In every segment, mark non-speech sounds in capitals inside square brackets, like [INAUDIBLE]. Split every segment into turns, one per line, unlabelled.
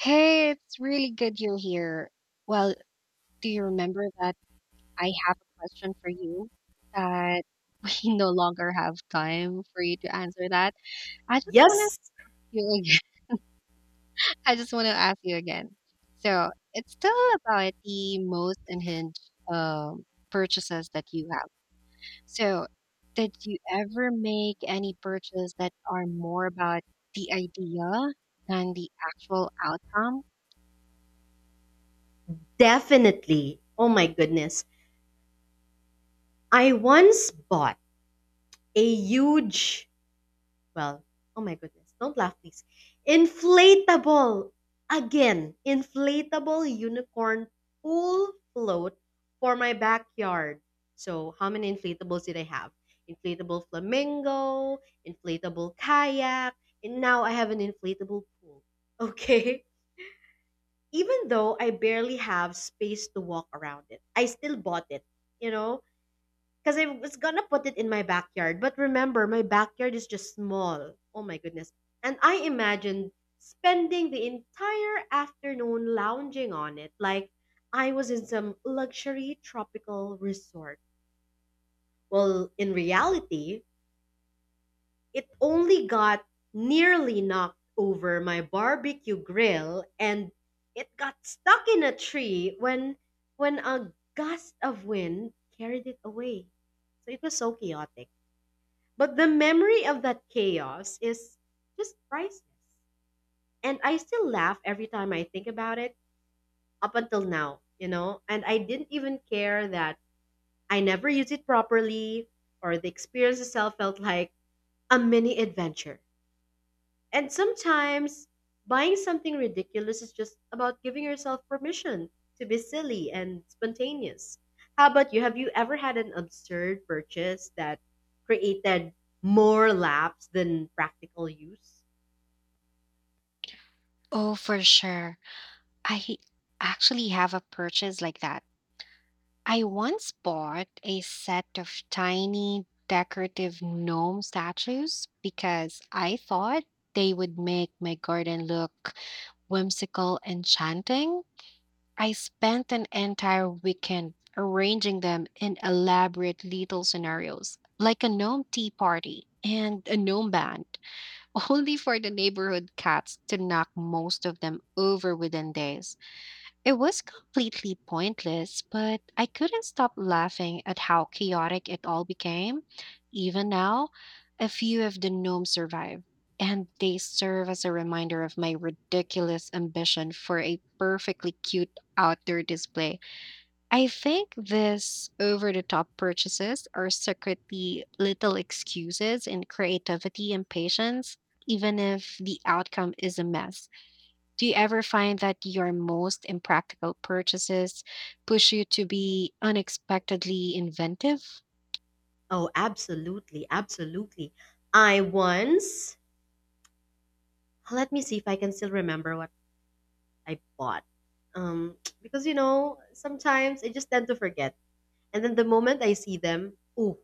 Hey, it's really good you're here. Well, do you remember that I have a question for you that [LAUGHS] we no longer have time for you to answer that? I just want to
Yes,
you again. [LAUGHS] I just want to ask you again. It's still about the most unhinged um, purchases that you have. So, did you ever make any purchase that are more about the idea than the actual outcome?
definitely. Oh my goodness. I once bought a huge, well, oh my goodness, don't laugh, please. Inflatable, again, inflatable unicorn pool float for my backyard. So, how many inflatables did I have? Inflatable flamingo, inflatable kayak, and now I have an inflatable pool. Okay. [LAUGHS] Even though I barely have space to walk around it, I still bought it, you know, because I was gonna put it in my backyard. But remember, my backyard is just small. Oh my goodness. And I imagined spending the entire afternoon lounging on it like I was in some luxury tropical resort. Well, in reality, it only got nearly knocked over my barbecue grill and it got stuck in a tree when a gust of wind carried it away. So it was so chaotic. But the memory of that chaos is just priceless. And I still laugh every time I think about it up until now, And I didn't even care that I never used it properly or the experience itself felt like a mini adventure. And sometimes buying something ridiculous is just about giving yourself permission to be silly and spontaneous. How about you? Have you ever had an absurd purchase that created more laughs than practical use?
Oh, for sure. I actually have a purchase like that. I once bought a set of tiny decorative gnome statues because I thought they would make my garden look whimsical and enchanting. I spent an entire weekend arranging them in elaborate little scenarios, like a gnome tea party and a gnome band, [LAUGHS] only for the neighborhood cats to knock most of them over within days. It was completely pointless, but I couldn't stop laughing at how chaotic it all became. Even now, a few of the gnomes survive, and they serve as a reminder of my ridiculous ambition for a perfectly cute outdoor display. I think these over the top purchases are secretly little excuses in creativity and patience, even if the outcome is a mess. Do you ever find that your most impractical purchases push you to be unexpectedly inventive?
Oh, absolutely, absolutely. I once, let me see if I can still remember what I bought. Because sometimes I just tend to forget. And then the moment I see them, ooh,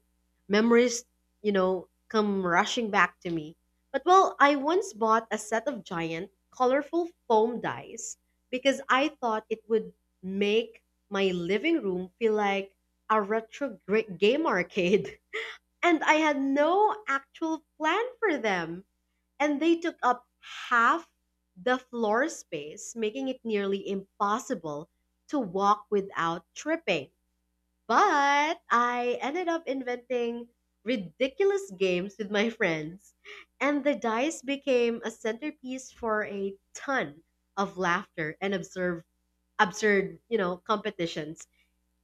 memories, come rushing back to me. But well, I once bought a set of giant, colorful foam dice because I thought it would make my living room feel like a game arcade. [LAUGHS] And I had no actual plan for them. And they took up half the floor space, making it nearly impossible to walk without tripping. But I ended up inventing ridiculous games with my friends, and the dice became a centerpiece for a ton of laughter and absurd, competitions.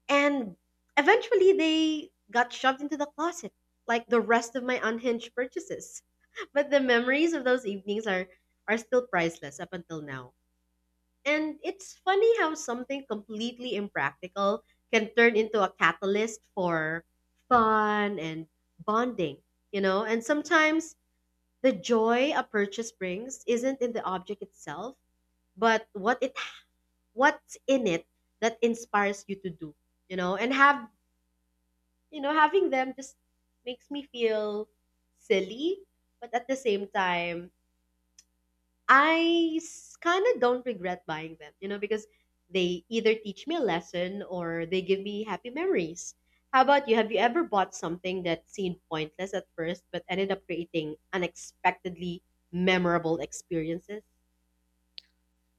And eventually, they got shoved into the closet, like the rest of my unhinged purchases. [LAUGHS] But the memories of those evenings are still priceless up until now. And it's funny how something completely impractical can turn into a catalyst for fun and bonding. And sometimes the joy a purchase brings isn't in the object itself, but what's in it that inspires you to do. And having them just makes me feel silly, but at the same time I kind of don't regret buying them, because they either teach me a lesson or they give me happy memories. How about you? Have you ever bought something that seemed pointless at first but ended up creating unexpectedly memorable experiences?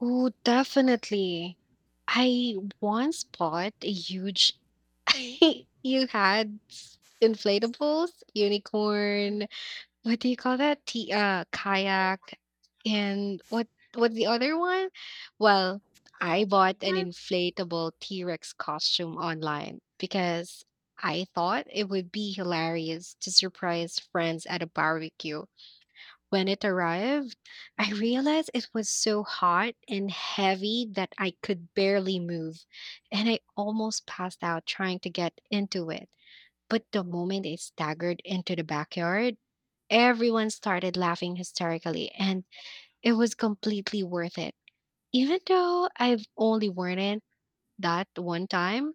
Oh, definitely. I once bought a huge [LAUGHS] you had s- inflatables, unicorn, what do you call that? T kayak and what's the other one? Well, I bought an
Uh,
inflatable T-Rex costume online because I thought it would be hilarious to surprise friends at a barbecue. When it arrived, [LAUGHS] I realized it was so hot and heavy that I could barely move, and I almost passed out trying to get into it. But the moment it staggered into the backyard, everyone started laughing hysterically, and it was completely worth it. Even though I've only worn it that one time,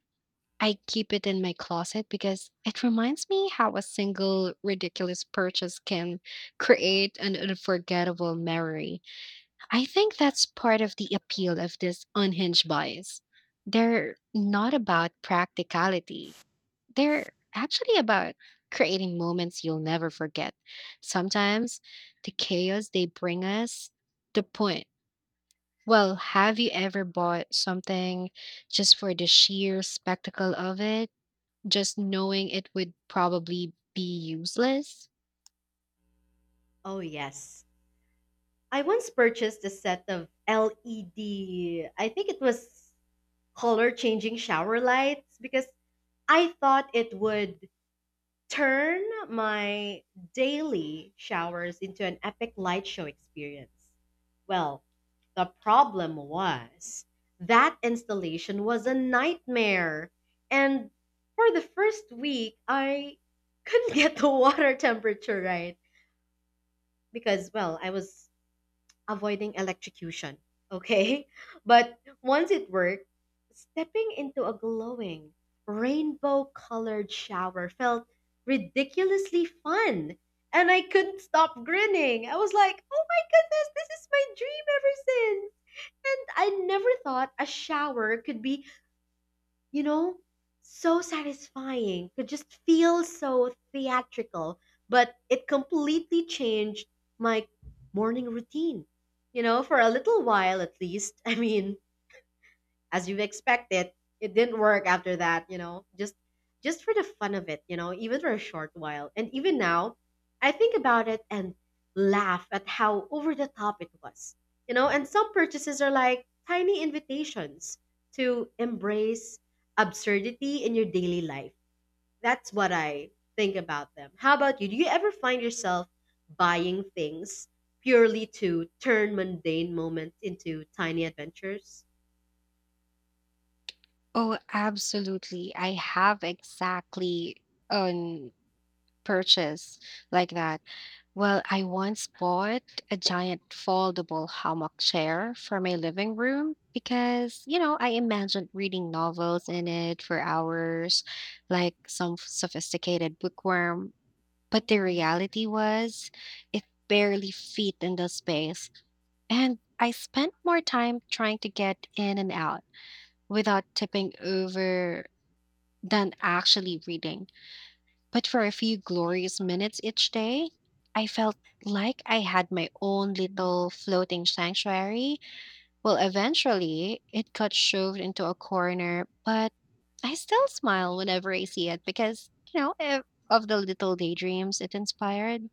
I keep it in my closet because it reminds me how a single ridiculous purchase can create an unforgettable memory. I think that's part of the appeal of this unhinged bias. They're not about practicality, they're actually about creating moments you'll never forget. Sometimes the chaos they bring us, the point. Well, have you ever bought something just for the sheer spectacle of it, just knowing it would probably be useless?
Oh, yes. I once purchased a set of LED, I think it was color changing shower lights because I thought it would turn my daily showers into an epic light show experience. Well, the problem was that installation was a nightmare. And for the first week, I couldn't [LAUGHS] get the water temperature right because, well, I was avoiding electrocution. Okay? [LAUGHS] But once it worked, stepping into a glowing, rainbow colored shower felt ridiculously fun. And I couldn't stop grinning. I was like, oh my goodness, this is my dream ever since. And I never thought a shower could be, you know, so satisfying. It just feels so theatrical, but it completely changed my morning routine. You know, for a little while at least. [LAUGHS] I mean, as you expected. It didn't work after that, you know, just for the fun of it, you know, even for a short while. And even now, I think about it and laugh at how over the top it was. You know, and some purchases are like tiny invitations to embrace absurdity in your daily life. That's what I think about them. How about you? Do you ever find yourself buying things purely to turn mundane moments into tiny adventures?
Oh, absolutely. I have exactly on purchase like that. Well, I once bought a giant foldable hammock chair for my living room because, you know, I imagined reading novels in it for hours, like some sophisticated bookworm. But the reality was, it barely fit in the space. And I spent more time trying to get in and out without tipping over than actually reading. But for a few glorious minutes each day, I felt like I had my own little floating sanctuary. Well, eventually, it got shoved into a corner, but I still smile whenever I see it because, of the little daydreams it inspired.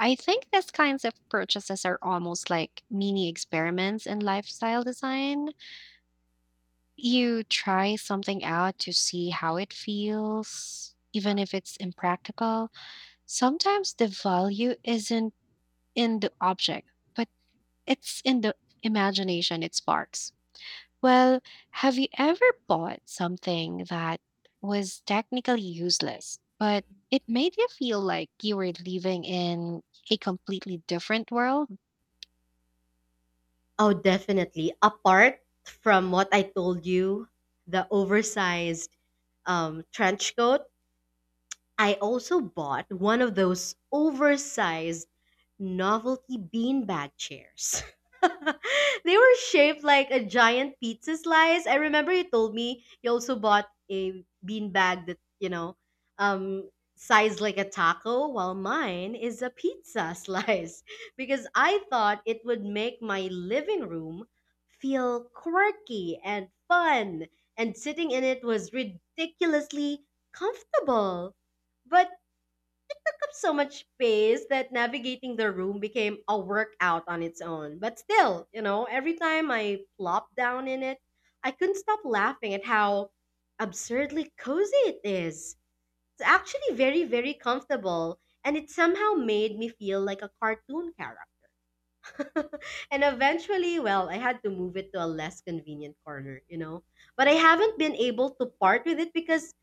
I think these kinds of purchases are almost like mini experiments in lifestyle design. You try something out to see how it feels, even if it's impractical. Sometimes the value isn't in the object, but it's in the imagination it sparks. Well, have you ever bought something that was technically useless, but it made you feel like you were living in a completely different world?
Oh, definitely. Apart from what I told you, the oversized trench coat, I also bought one of those oversized novelty beanbag chairs. [LAUGHS] They were shaped like a giant pizza slice. I remember you told me you also bought a beanbag that, you know, um, sized like a taco, while mine is a pizza [LAUGHS] slice because I thought it would make my living room feel quirky and fun. And sitting in it was ridiculously comfortable but took up so much space that navigating the room became a workout on its own. But still, you know, every time I plopped down in it, I couldn't stop laughing at how absurdly cozy it is. It's actually very, very comfortable, and it somehow made me feel like a cartoon character. [LAUGHS] And eventually, well, I had to move it to a less convenient corner, you know. But I haven't been able to part with it because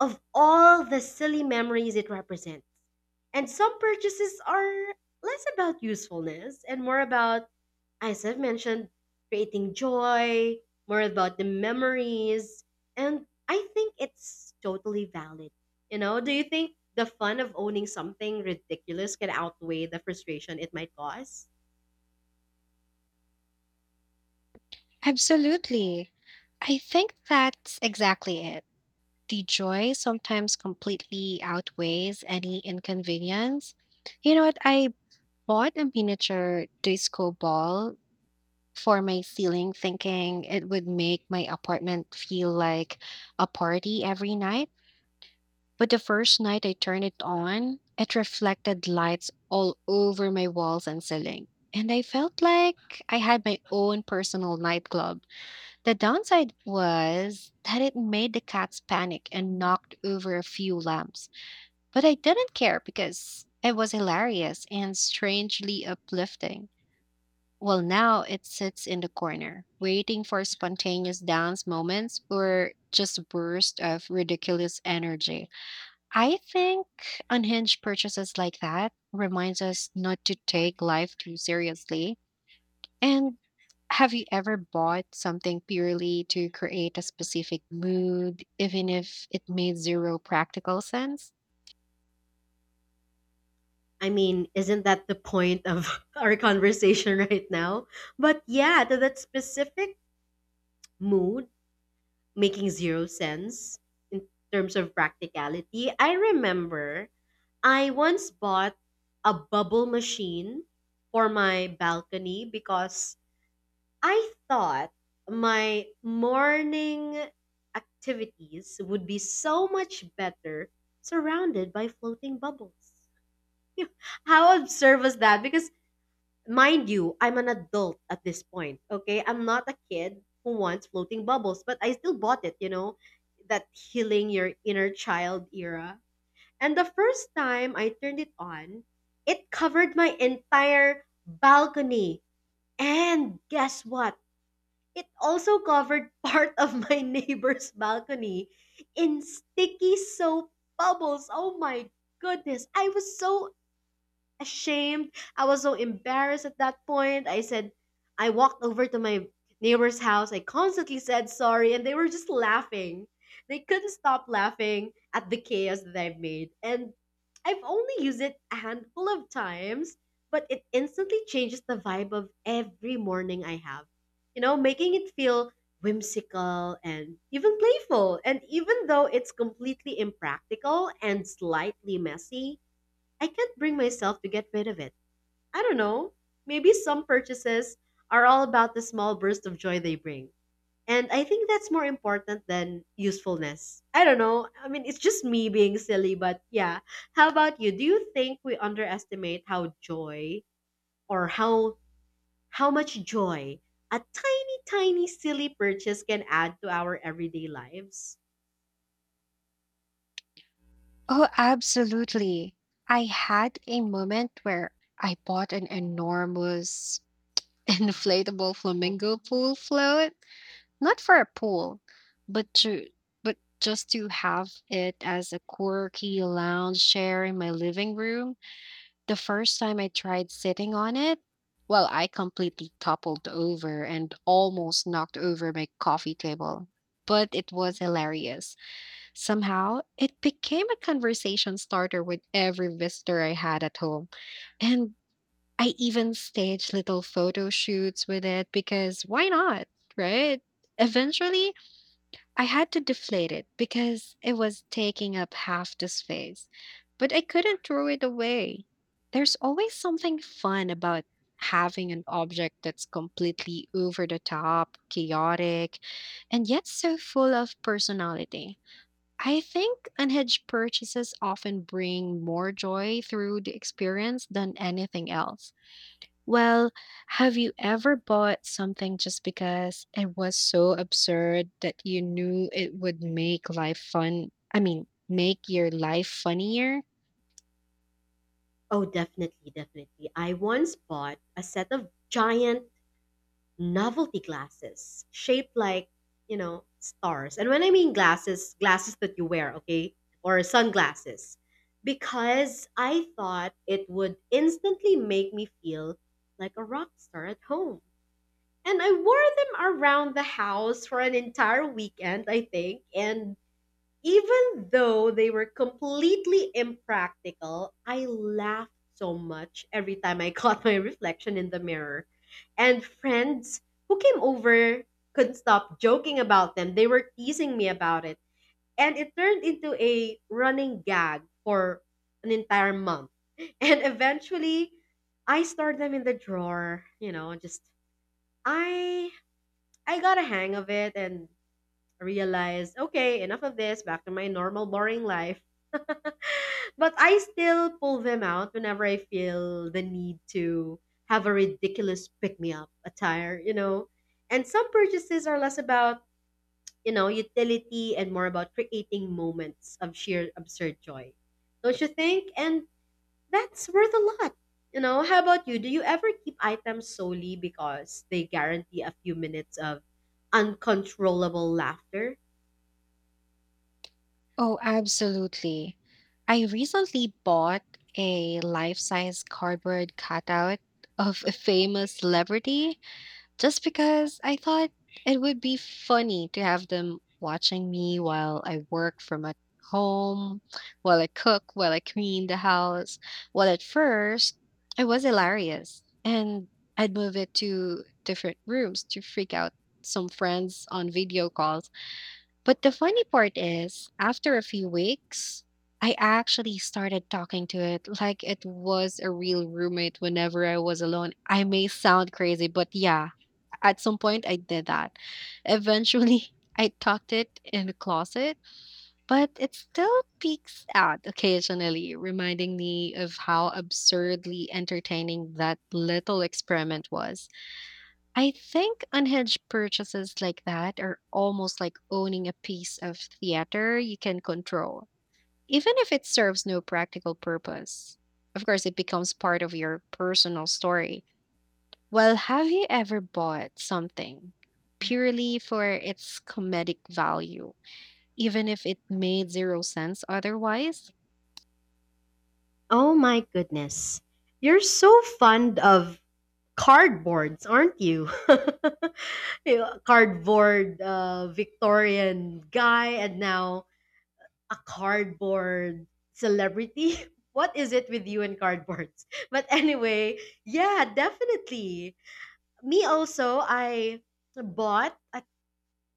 of all the silly memories it represents. And some purchases are less about usefulness and more about, as I've mentioned, creating joy, more about the memories. And I think it's totally valid. You know, do you think the fun of owning something ridiculous can outweigh the frustration it might cause?
Absolutely. I think that's exactly it. The joy sometimes completely outweighs any inconvenience. You know what? I bought a miniature disco ball for my ceiling, thinking it would make my apartment feel like a party every night. But the first night I turned it on, it reflected lights all over my walls and ceiling. And I felt like I had my own personal nightclub. The downside was that it made the cats panic and knocked over a few lamps. But I didn't care because it was hilarious and strangely uplifting. Well, now it sits in the corner, waiting for spontaneous dance moments or just a burst of ridiculous energy. I think unhinged purchases like that reminds us not to take life too seriously. And have you ever bought something purely to create a specific mood, even if it made zero practical sense?
I mean, isn't that the point of [LAUGHS] our conversation right now? But yeah, to that specific mood making zero sense in terms of practicality. I remember I once bought a bubble machine for my balcony because I thought my morning activities would be so much better surrounded by floating bubbles. [LAUGHS] How absurd was that? Because mind you, I'm an adult at this point, okay? I'm not a kid who wants floating bubbles, but I still bought it. That healing your inner child era. And the first time I turned it on, it covered my entire balcony. And guess what? It also covered [LAUGHS] part of my [LAUGHS] neighbor's balcony in sticky soap bubbles. Oh my goodness. I was so ashamed. I was so embarrassed at that point. I said, I walked over to my neighbor's house. I constantly said sorry, and they were just laughing. They couldn't stop laughing at the chaos that I've made. And I've only used it a handful of times, but it instantly changes the vibe of every morning I have. You know, making it feel whimsical and even playful. And even though it's completely impractical and slightly messy, I can't bring myself to get rid of it. I don't know. Maybe some purchases are all about the small burst of joy they bring. And I think that's more important than usefulness. I don't know. I mean, it's just me being silly, but yeah. How about you? Do you think we underestimate how joy or how much joy a tiny silly purchase can add to our everyday lives?
Oh, absolutely. I had a moment where I bought an enormous [LAUGHS] an inflatable flamingo pool float not for a pool but to but just to have it as a quirky lounge chair in my living room. The first time I tried sitting on it, well, I completely toppled over and almost knocked over my coffee table, but it was hilarious. Somehow it became a conversation starter with every visitor I had at home. And I even staged little photo shoots with it because why not, right? Eventually, I had to deflate it because it was taking up half the space, but I couldn't throw it away. There's always something fun about having an object that's completely over the top, chaotic, and yet so full of personality. I think unhedged purchases often bring more joy through the experience than anything else. Well, have you ever bought something just because it was so absurd that you knew it would make life fun? I mean, make your life funnier?
Oh, definitely, definitely. I once bought a set of giant novelty glasses shaped like, you know, stars and when I mean glasses, glasses that you wear, okay, or sunglasses, because I thought it would instantly make me feel like a rock star at home. And I wore them around the house for an entire weekend, I think. And even though they were completely impractical, I laughed so much every time I [LAUGHS] caught my reflection in the mirror. And friends who came over couldn't stop joking about them. They were teasing me about it. And it turned into a running gag for an entire month. [LAUGHS] And eventually, I stored them in the drawer, you know, just I I got a hang of it and I realized, okay, enough of this, back to my normal, boring life. [LAUGHS] But I still pull them out whenever I feel the need to have a ridiculous pick me up attire, you know. And some purchases are less about, you know, utility and more about creating moments of sheer absurd joy. Don't you think? And that's worth a lot. You know, how about you? Do you ever keep items solely because they guarantee a few minutes of uncontrollable laughter?
Oh, absolutely. I recently bought a life size cardboard cutout of a famous celebrity, just because I thought it would be funny to have them watching me while I work from at home, while I cook, while I clean the house. Well, at first, it was hilarious. And I'd move it to different rooms to freak out some friends on video calls. But the funny part is, after a few weeks, I actually started talking to it like it was a real roommate whenever I was alone. I may sound crazy, but yeah, at some point, I did that. Eventually, [LAUGHS] I tucked it in the closet, but it still peeks out occasionally, reminding me of how absurdly entertaining that little experiment was. I think unhinged purchases like that are almost like owning a piece of theater you can control, even if it serves no practical purpose. Of course, it becomes part of your personal story. Well, have you ever bought something purely for its comedic value, even if it made zero sense otherwise?
Oh my goodness. You're so fond of cardboards, aren't you? [LAUGHS] You know, cardboard Victorian guy and now a cardboard celebrity. [LAUGHS] What is it with you and cardboards? [LAUGHS] But anyway, yeah, definitely. Me also, I bought,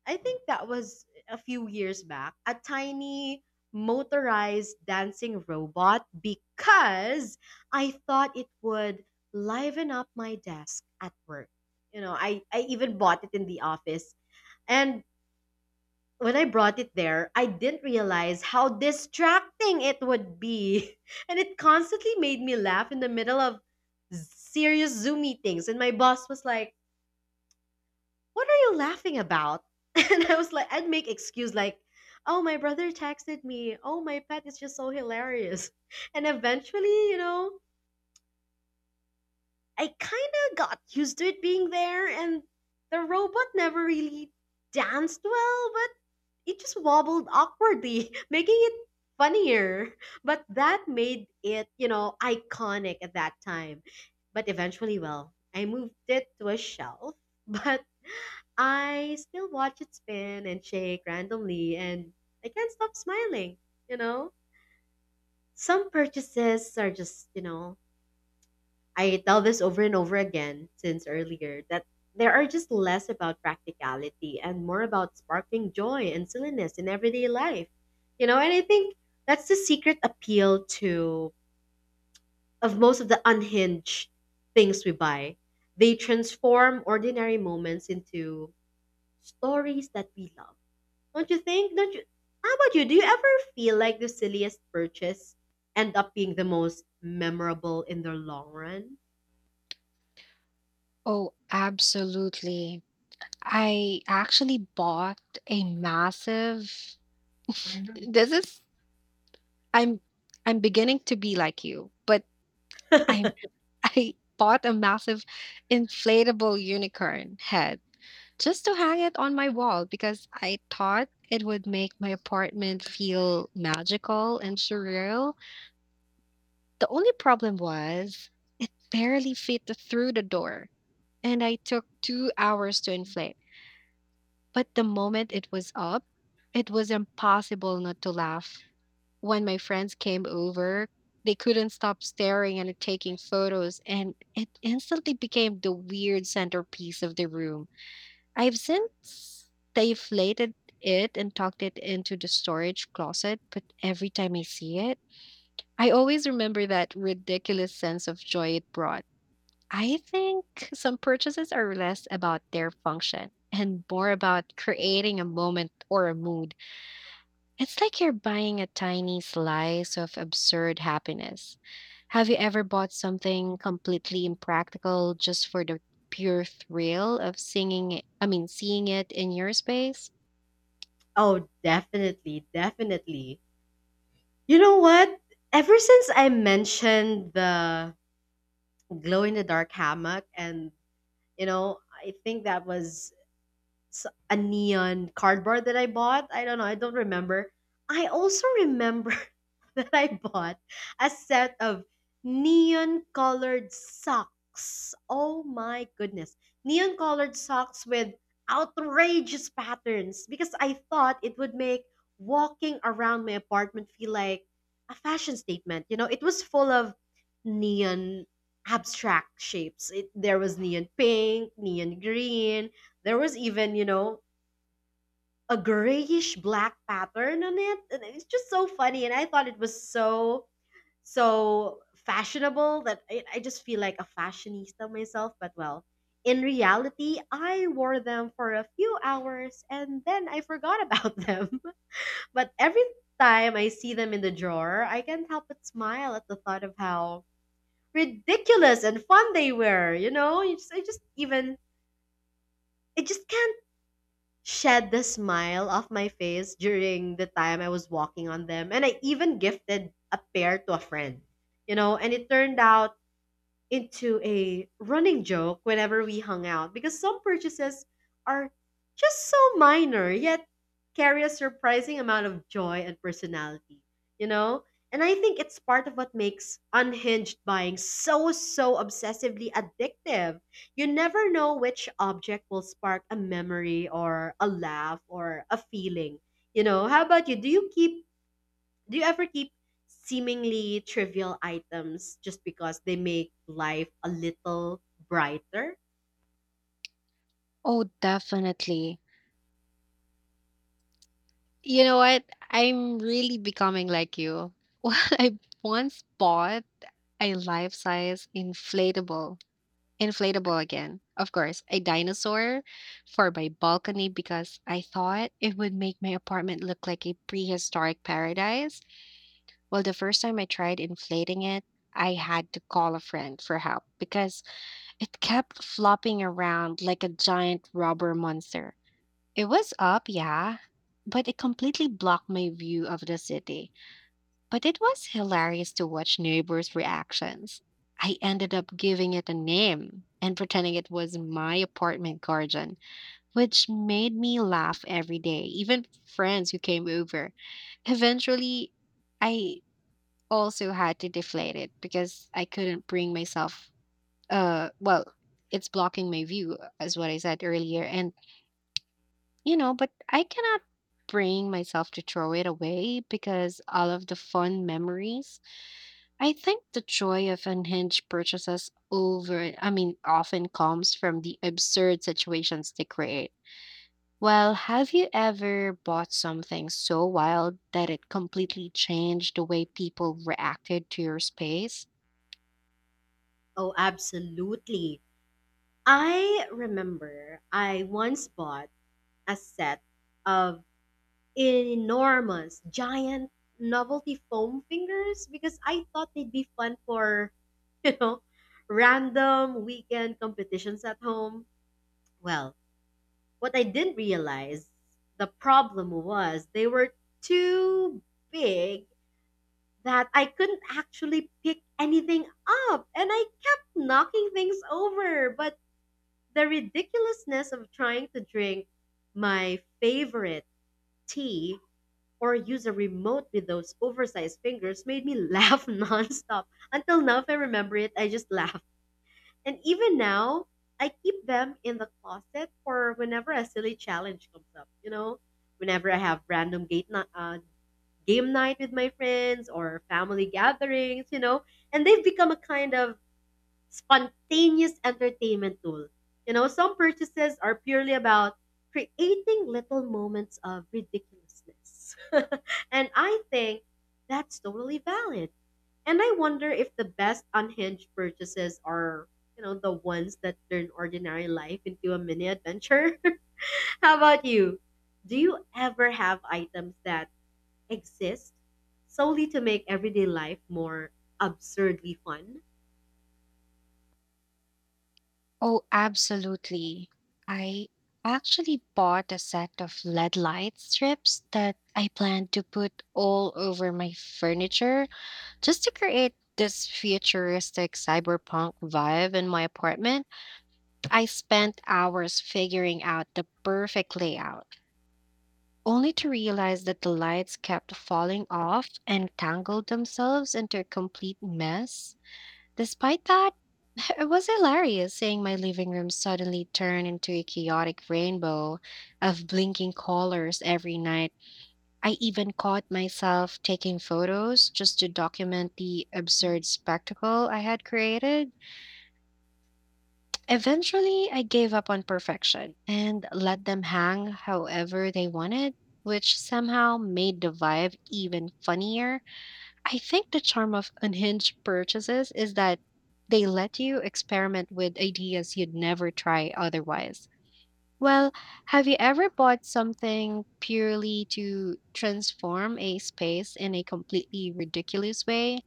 I think that was a few years back, a tiny motorized dancing robot because I thought it would liven up my desk at work. You know, I even bought it in the office. And when I brought it there, I didn't realize how distracting it would be. [LAUGHS] And it constantly made me laugh in the middle of serious Zoom meetings. And my boss was like, what are you laughing about? [LAUGHS] And I was like, I'd make excuse like, oh, my brother texted me. Oh, my pet is just so hilarious. And eventually, I kind of got used to it being there, and the robot never really danced well, but it just wobbled awkwardly, [LAUGHS] making it funnier. But that made it, iconic at that time. But eventually, well, I moved it to a shelf, [LAUGHS] but I still watch it spin and shake randomly, and I can't stop smiling, you know? Some purchases are just, I tell this over and over again since earlier that there are just less about practicality and more about sparking joy and silliness in everyday life, you know? And I think that's the secret appeal to of most of the unhinged things we buy. They transform ordinary moments into stories that we love. Don't you think? Don't you? How about you? Do you ever feel like the silliest purchase end up being the most memorable in the long run?
Oh, absolutely. I actually bought a massive mhm. This is I'm I'm beginning to be like you, but I [LAUGHS] I bought a massive inflatable unicorn head just to hang it on my wall because I thought it would make my apartment feel magical and surreal. The only problem was it barely fit through the door, and I took 2 hours to inflate. But the moment it was up, it was impossible not to laugh. When my friends came over, they couldn't stop staring and taking photos, and it instantly became the weird centerpiece of the room. I've since deflated it and tucked it into the storage closet, but every time I see it, I always remember that ridiculous sense of joy it brought. I think some purchases are less about their function and more about creating a moment or a mood. It's like you're buying a tiny slice of absurd happiness. Have you ever bought something completely impractical just for the pure thrill of singing it, I mean, seeing it in your space?
Oh, definitely, definitely. You know what? Ever since I mentioned the glow in the dark hammock, and you know, I think that was a neon cardboard that I bought. I don't know. I don't remember. I also remember [LAUGHS] that I bought a set of neon colored socks. Oh my goodness. Neon colored socks with outrageous patterns because I thought it would make walking around my apartment feel like a fashion statement. You know, it was full of neon abstract shapes. There was neon pink, neon green, there was even, you know, a grayish black pattern on it. And it's just so funny. And I thought it was so, so fashionable that I just feel like a fashionista myself. But well, in reality, I wore them for a few hours and then I forgot about [LAUGHS] them. But every time I see them in the drawer, I can't help but smile at the thought of how ridiculous and fun they were. I just I just can't shed the smile off my face during the time I was walking on them. And I even gifted a pair to a friend, you know, and it turned out into a running joke whenever we hung out because some purchases are just so minor yet carry a surprising amount of joy and personality, you know? And I think it's part of what makes unhinged buying so, so obsessively addictive. You never know which object will spark a memory or a laugh or a feeling. You know, how about you? Do you ever keep seemingly trivial items just because they make life a little brighter?
Oh, definitely. You know what? I'm really becoming like you. [LAUGHS] Well, I once bought a life-size inflatable inflatable again. Of course, a dinosaur for my balcony because I thought it would make my apartment look like a prehistoric paradise. Well, the first time I tried inflating it, I had to call a friend for help because it kept flopping around like a giant rubber monster. It was up, yeah, but it completely blocked my view of the city. But it was hilarious to watch neighbors' reactions. I ended up giving it a name and pretending it was my apartment garden, which made me laugh every day, even friends who came over. Eventually, I also had to deflate it because I couldn't bring myself well, it's blocking my view as what I said earlier. And you know, but I cannot bring myself to throw it away because all of the fun memories. I think the joy of unhinged purchases over, I mean, often comes from the absurd situations they create. Well, have you ever bought something so wild that it completely changed the way people reacted to your space?
Oh, absolutely. I remember I once bought a set of enormous, giant novelty foam fingers because I thought they'd be fun for, [LAUGHS] you know, random weekend competitions at home. Well, What I didn't realize the problem was they were too big that I couldn't actually pick anything up and I kept knocking things over. But the ridiculousness of trying to drink my favorite tea or use a remote with those oversized fingers made me laugh [LAUGHS] nonstop. Until now, if I remember it, I just laugh. And even now, I keep them in the closet for whenever a silly challenge comes up. You know, whenever I have game night with my friends or family gatherings, you know, and they've become a kind of spontaneous entertainment tool. You know, some purchases are purely about creating little moments of ridiculousness, [LAUGHS] and I think that's totally valid. And I wonder if the best unhinged purchases are, you know, the ones that turn ordinary life into a mini adventure. [LAUGHS] How about you? Do you ever have items that exist solely to make everyday life more absurdly fun?
Oh, absolutely. I actually bought a set of LED light strips that I planned to put all over my furniture just to create this futuristic cyberpunk vibe in my apartment. I spent hours figuring out the perfect layout, only to realize that the lights kept falling off and tangled themselves into a complete mess. Despite that, [LAUGHS] it was hilarious seeing my living room suddenly turn into a chaotic rainbow of blinking colors every night. I even caught myself taking photos just to document the absurd spectacle I had created. Eventually, I gave up on perfection and let them hang however they wanted, which somehow made the vibe even funnier. I think the charm of unhinged purchases is that they let you experiment with ideas you'd never try otherwise. Well, have you ever bought something purely to transform a space in a completely ridiculous way?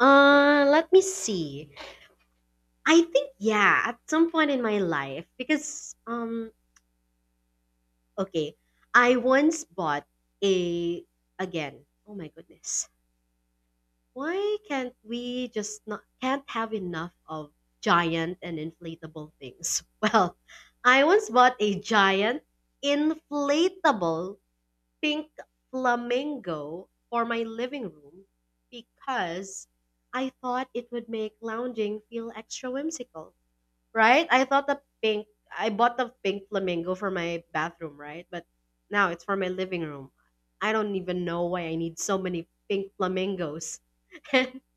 Let me see. I think yeah, at some point in my life because okay, I once bought a again. Oh my goodness. Why can't we just not can't have enough of giant and inflatable things? [LAUGHS] Well, I once bought a giant inflatable pink flamingo for my living room because I thought it would make lounging feel extra whimsical. Right? I bought the pink flamingo for my bathroom, right? But now it's for my living room. I don't even know why I need so many pink flamingos. [LAUGHS]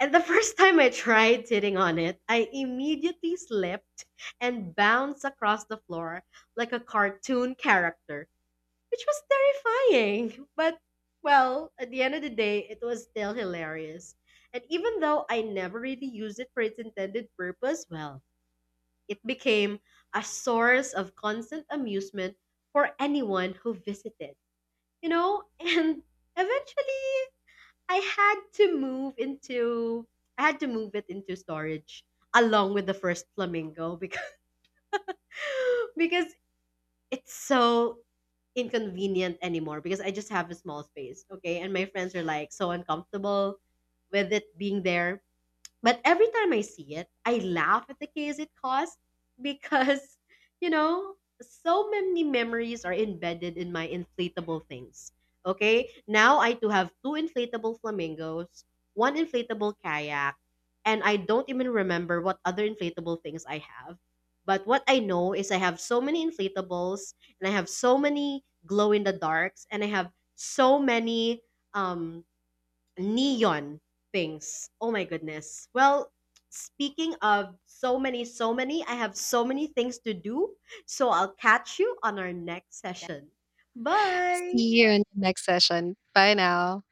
And the first time I tried sitting on it, I immediately slipped and bounced across the floor like a cartoon character, which was terrifying. But, well, at the end of the day, it was still hilarious. And even though I never really used it for its intended purpose, well, it became a source of constant amusement for anyone who visited, you know? [LAUGHS] And eventually, I had to move into I had to move it into storage along with the first flamingo because [LAUGHS] because it's so inconvenient anymore because I just have a small space, okay? And my friends are like so uncomfortable with it being there, but every time I see it, I laugh at the chaos it caused because, [LAUGHS] you know, so many memories are embedded in my inflatable things. Okay? Now I do have two inflatable flamingos, one inflatable kayak, and I don't even remember what other inflatable things I have. But what I know is I have so many inflatables and I have so many glow in the darks and I have so many um neon things. Oh my goodness. Well, speaking of so many, so many, I have so many things to do. So I'll catch you on our next session. Bye.
See you in the next session. Bye now.